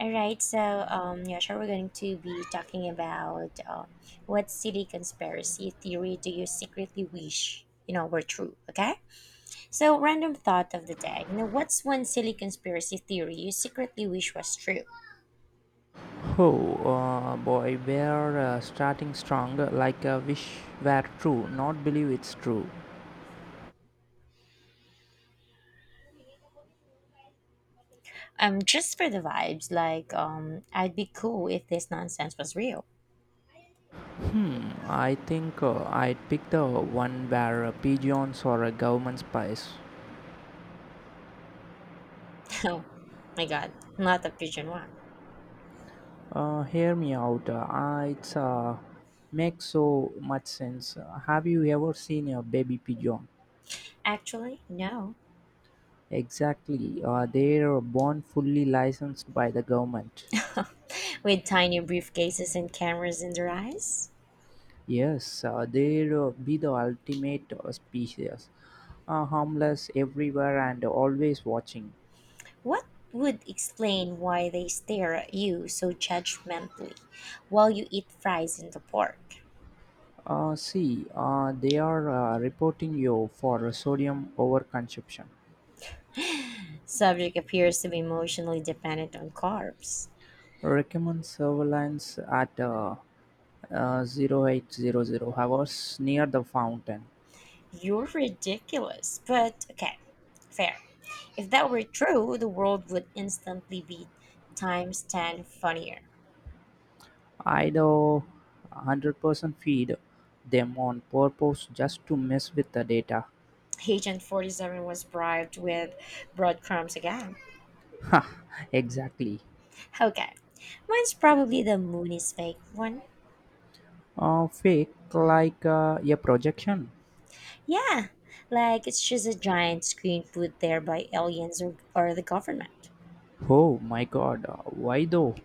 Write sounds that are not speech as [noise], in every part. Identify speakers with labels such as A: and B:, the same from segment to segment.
A: All right. We're going to be talking about what silly conspiracy theory do you secretly wish were true? Okay. So, random thought of the day. You know, what's one silly conspiracy theory you secretly wish was true?
B: Oh boy, we're starting strong like a wish were true, not believe it's true.
A: Just for the vibes, like I'd be cool if this nonsense was real.
B: Mm, I think I'd pick the one where pigeons or a government spies.
A: [laughs] Oh my god, not the pigeon one.
B: Hear me out, I- it's makes so much sense. Have you ever seen a baby pigeon?
A: Actually, no.
B: Exactly, they're born fully licensed by the government.
A: With tiny briefcases and cameras in their eyes.
B: Yes, they'll be the ultimate species. Harmless everywhere and always watching.
A: What would explain why they stare at you so judgmentally while you eat fries in the park?
B: See, they are reporting you for sodium overconsumption.
A: Subject appears to be emotionally dependent on carbs.
B: Recommend surveillance at 0800 hours near the fountain.
A: You're ridiculous, but okay, fair. If that were true, the world would instantly be times 10 funnier.
B: I Ido 100% feed them on purpose just to mess with the data.
A: Agent 47 was bribed with breadcrumbs again.
B: [laughs] Exactly.
A: Okay, mine's probably the moon is fake one.
B: Fake like a projection.
A: Yeah, like it's just a giant screen put there by aliens or the government.
B: Oh my god, why though?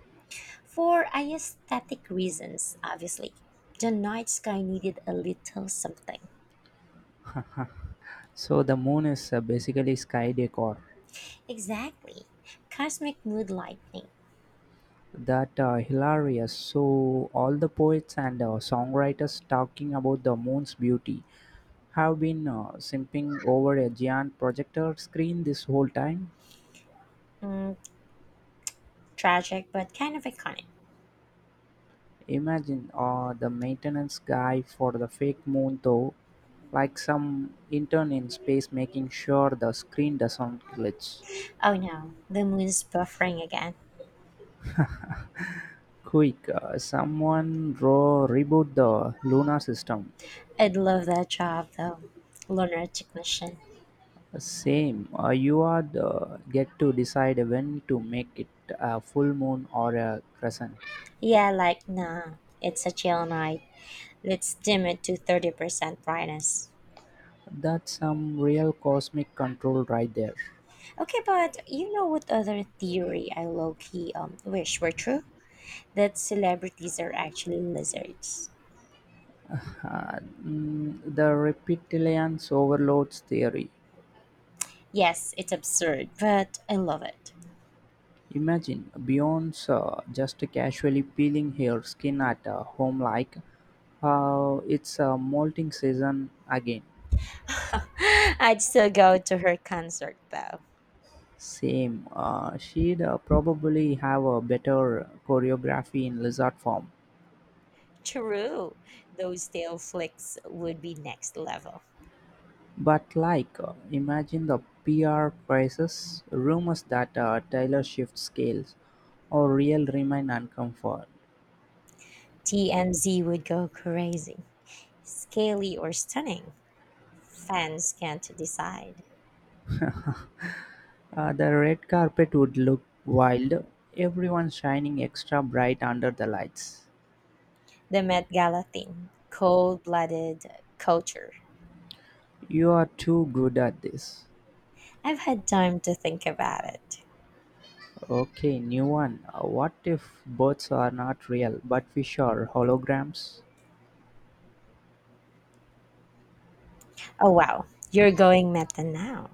A: For aesthetic reasons, obviously. The night sky needed a little something.
B: [laughs] So the moon is basically sky decor.
A: Exactly. Cosmic mood lightning.
B: That hilarious. So all the poets and songwriters talking about the moon's beauty have been simping over a giant projector screen this whole time.
A: Mm, tragic, but kind of iconic.
B: Imagine the maintenance guy for the fake moon though, like some intern in space making sure the screen doesn't glitch.
A: Oh no, the moon's buffering again.
B: Quick, someone reboot the lunar system.
A: I'd love that job though. Lunar technician.
B: Same. You are the get to decide when to make it a full moon or a crescent.
A: Yeah, like, nah, it's a chill night. Let's dim it to 30% brightness.
B: That's some real cosmic control right there.
A: Okay, but you know what other theory I low key wish were true? That celebrities are actually lizards.
B: The reptilians overloads theory.
A: Yes, it's absurd, but I love it.
B: Imagine Beyonce just casually peeling her skin at home like it's a molting season again.
A: [laughs] I'd still go to her concert though.
B: Same. She'd probably have a better choreography in lizard form.
A: True, those tail flicks would be next level.
B: But like, imagine the PR prices, rumors that Taylor Swift scales, or real remain unconfirmed.
A: TMZ would go crazy. Scaly or stunning, fans can't decide.
B: The red carpet would look wild, everyone shining extra bright under the lights.
A: The Met Gala thing, cold blooded culture.
B: You are too good at this.
A: I've had time to think about it.
B: Okay, new one. What if birds are not real, but fish are holograms?
A: Oh wow, you're going meta now.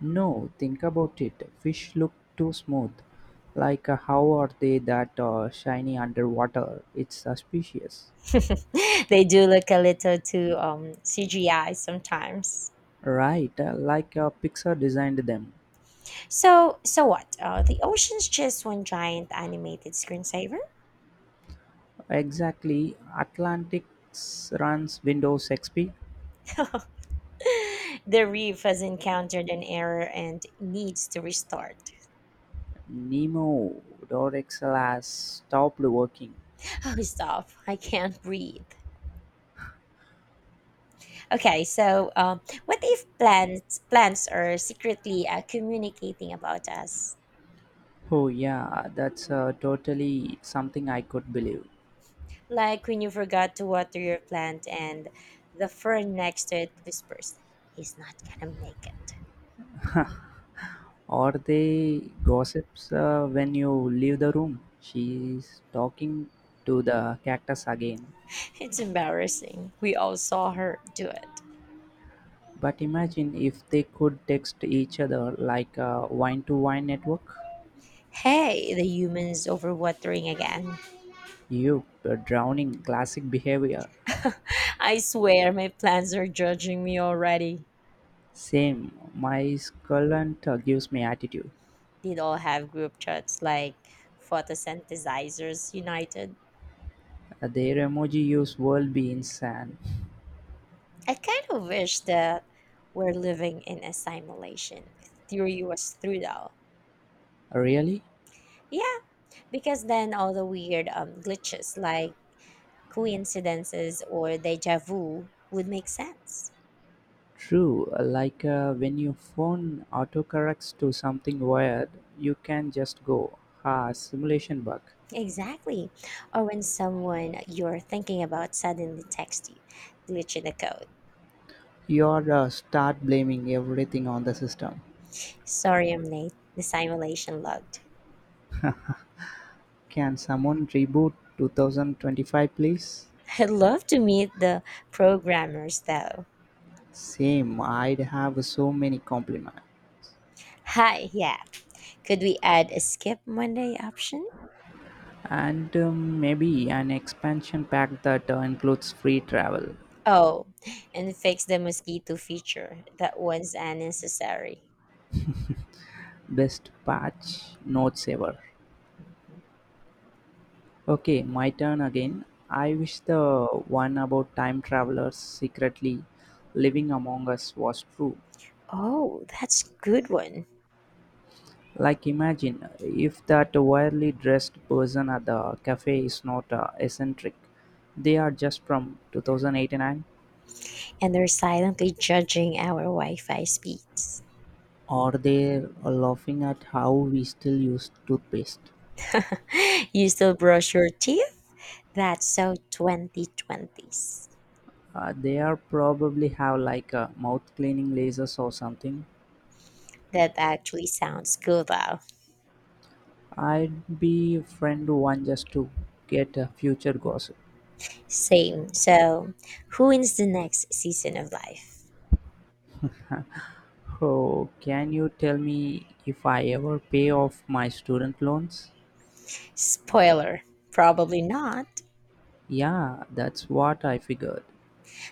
B: No, think about it. Fish look too smooth. Like, how are they that shiny underwater? It's suspicious.
A: [laughs] They do look a little too CGI sometimes.
B: Right, like Pixar designed them.
A: So what? The ocean's just one giant animated screensaver.
B: Exactly. Atlantic's runs Windows XP.
A: The reef has encountered an error and needs to restart.
B: Nemo or Excel has stopped working.
A: Oh stop! I can't breathe. Okay, so what if plants are secretly communicating about us?
B: Oh, yeah, that's totally something I could believe.
A: Like when you forgot to water your plant and the fern next to it whispers, he's not gonna make it.
B: [laughs] Or they gossips when you leave the room. She's talking to the cactus again.
A: [laughs] It's embarrassing. We all saw her do it.
B: But imagine if they could text each other like a wine to wine network.
A: Hey, the human is overwatering again.
B: You drowning classic behavior.
A: I swear my plants are judging me already.
B: Same, my skull and gives me attitude.
A: Did all have group chats like photosynthesizers united?
B: Their emoji use world be insane.
A: I kind of wish that we're living in a simulation. Theory was through though.
B: Really?
A: Yeah, because then all the weird glitches like coincidences or deja vu would make sense.
B: True, like when your phone autocorrects to something weird, you can just go, ha, simulation bug.
A: Exactly. Or when someone you're thinking about suddenly texts you, glitch in the code.
B: You'd start blaming everything on the system.
A: Sorry, I'm late. The simulation logged.
B: Can someone reboot 2025 please?
A: [laughs] I'd love to meet the programmers though.
B: Same, I'd have so many compliments.
A: Hi, yeah. Could we add a skip Monday option?
B: And maybe an expansion pack that includes free travel.
A: Oh, and fix the mosquito feature. That one's unnecessary.
B: Best patch notes ever. Okay, my turn again. I wish the one about time travelers secretly living among us was true.
A: Oh, that's good one.
B: Like, imagine if that wildly dressed person at the cafe is not eccentric, they are just from 2089,
A: And they're silently judging our Wi-Fi speeds.
B: or they're laughing at how we still use toothpaste.
A: [laughs] You still brush your teeth? That's so 2020s.
B: They are probably have like mouth cleaning lasers or something.
A: That actually sounds cool though.
B: I'd be friend one just to get a future gossip.
A: Same. So, who wins the next season of life?
B: Oh, can you tell me if I ever pay off my student loans?
A: Spoiler, probably not.
B: Yeah, that's what I figured.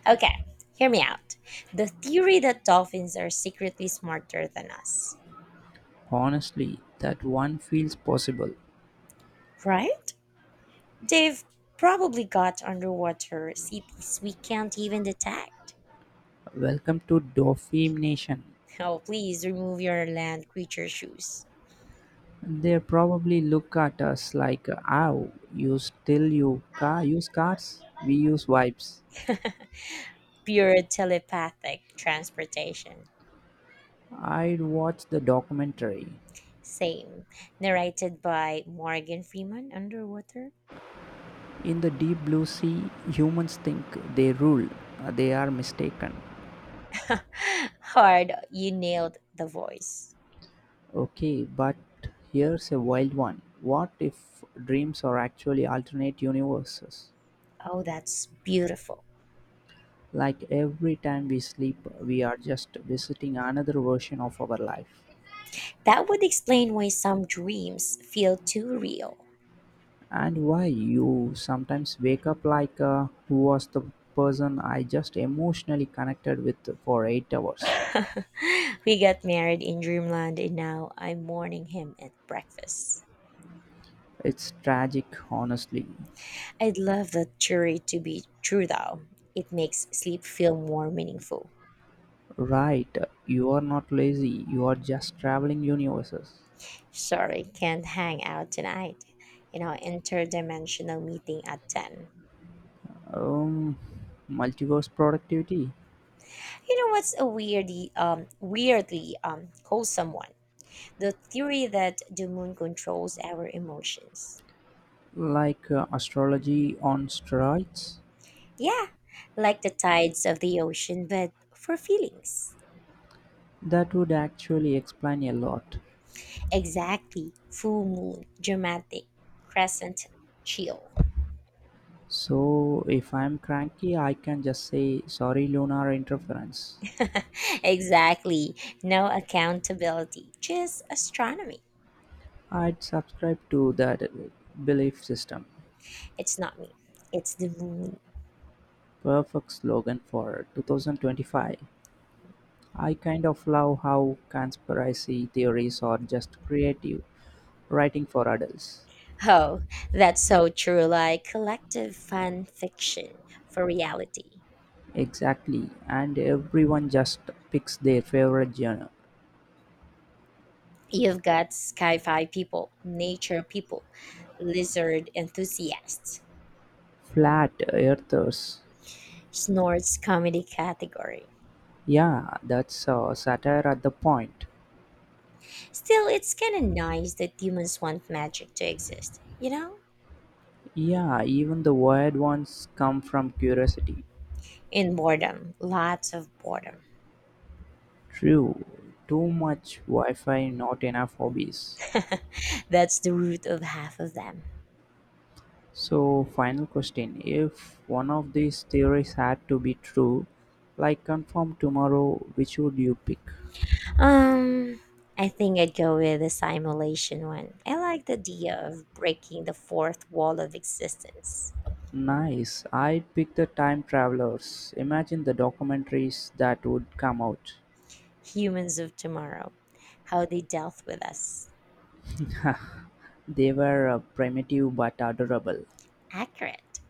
A: Okay, hear me out. The theory that dolphins are secretly smarter than us,
B: Honestly, that one feels possible.
A: right? They've probably got underwater CPs we can't even detect.
B: Welcome to Dauphin Nation.
A: Oh, please remove your land creature shoes.
B: They probably look at us like, "Ow, you still you car use cars? We use vibes."
A: [laughs] Pure telepathic transportation.
B: I'd watch the documentary.
A: Same. Narrated by Morgan Freeman Underwater.
B: In the deep blue sea, humans think they rule. They are mistaken.
A: [laughs] Hard, you nailed the voice.
B: Okay, but here's a wild one. What if dreams are actually alternate universes?
A: Oh, that's beautiful.
B: Like every time we sleep, we are just visiting another version of our life.
A: That would explain why some dreams feel too real.
B: And why you sometimes wake up like who was the person I just emotionally connected with for 8 hours.
A: [laughs] We got married in dreamland and now I'm mourning him at breakfast.
B: It's tragic, honestly.
A: I'd love that jury to be true though. It makes sleep feel more meaningful.
B: Right, you are not lazy, you are just traveling universes.
A: Sorry, can't hang out tonight. You know, interdimensional meeting at 10.
B: Um, Multiverse productivity,
A: You know what's a weirdly wholesome one? The theory that the moon controls our emotions.
B: like astrology on steroids,
A: Yeah, like the tides of the ocean but for feelings.
B: that would actually explain a lot.
A: Exactly. Full moon, dramatic, crescent, chill.
B: So if I'm cranky, I can just say, sorry, lunar interference.
A: [laughs] Exactly. No accountability, just astronomy.
B: I'd subscribe to that belief system.
A: It's not me, it's the moon.
B: Perfect slogan for 2025. I kind of love how conspiracy theories are just creative writing for adults.
A: Oh, that's so true. Like collective fan fiction for reality.
B: Exactly, and everyone just picks their favorite genre.
A: You've got sci fi people, nature people, lizard enthusiasts,
B: Flat earthers.
A: snorts comedy category.
B: Yeah, that's satire at the point.
A: Still, it's kind of nice that humans want magic to exist, you know?
B: Yeah, even the wired ones come from curiosity.
A: In boredom, lots of boredom.
B: True. Too much Wi Fi, not enough hobbies.
A: [laughs] That's the root of half of them.
B: So, final question if one of these theories had to be true, like confirm tomorrow, which would you pick?
A: Um, I think I'd go with the simulation one. I like the idea of breaking the fourth wall of existence.
B: Nice. I'd pick the time travelers. Imagine the documentaries that would come out.
A: Humans of tomorrow, how they dealt with us.
B: They were primitive but adorable.
A: Accurate.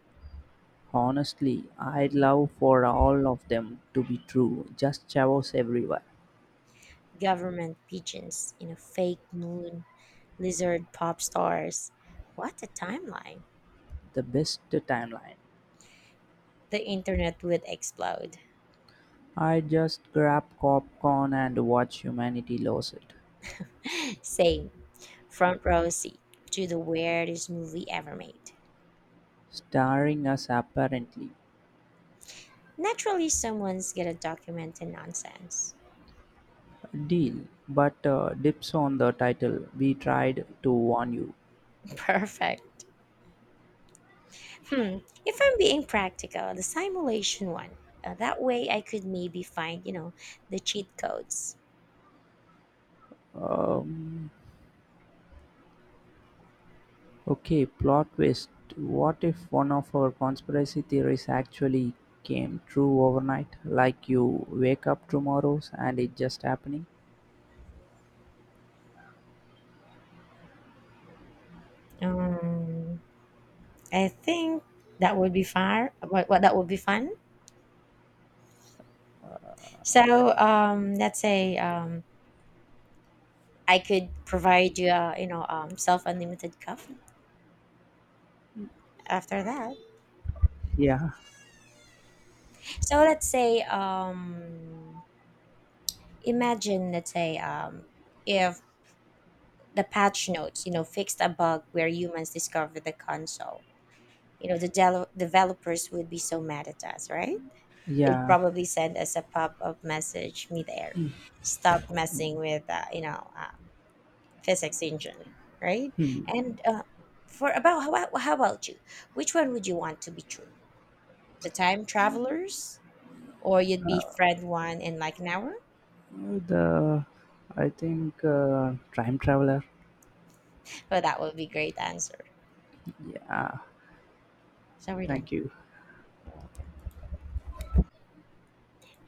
B: Honestly, I'd love for all of them to be true. Just chavos everywhere.
A: Government pigeons, you know, fake moon, lizard pop stars. What a timeline.
B: The best timeline.
A: The internet would explode.
B: I just grab popcorn and watch humanity lose it.
A: Same. Front row seat to the weirdest movie ever made.
B: Starring us apparently.
A: Naturally, someone's gonna document the nonsense.
B: Deal, but dips on the title. We tried to warn you.
A: [laughs] Perfect. Hmm. If I'm being practical, the simulation one. That way, I could maybe find, you know, the cheat codes.
B: Um, okay, plot twist. What if one of our conspiracy theories actually came true overnight? Like you wake up tomorrow and it just happening?
A: Um, I think that would be fun. What That would be fun. So, let's say I could provide you, you know, self unlimited coffee. After that,
B: Yeah,
A: so let's say, imagine, let's say, if the patch notes, you know, fixed a bug where humans discovered the console. You know, the developers would be so mad at us, right? They'd
B: yeah.
A: probably send us a pop-up message midair, stop messing with, you know, physics engine, right? And for about how, how about you? Which one would you want to be true? The time travelers, or you'd be Fred one in like an hour?
B: The I think time traveler.
A: Well, that would be great answer.
B: Yeah,
A: So we're done.
B: thank you.
A: You're welcome.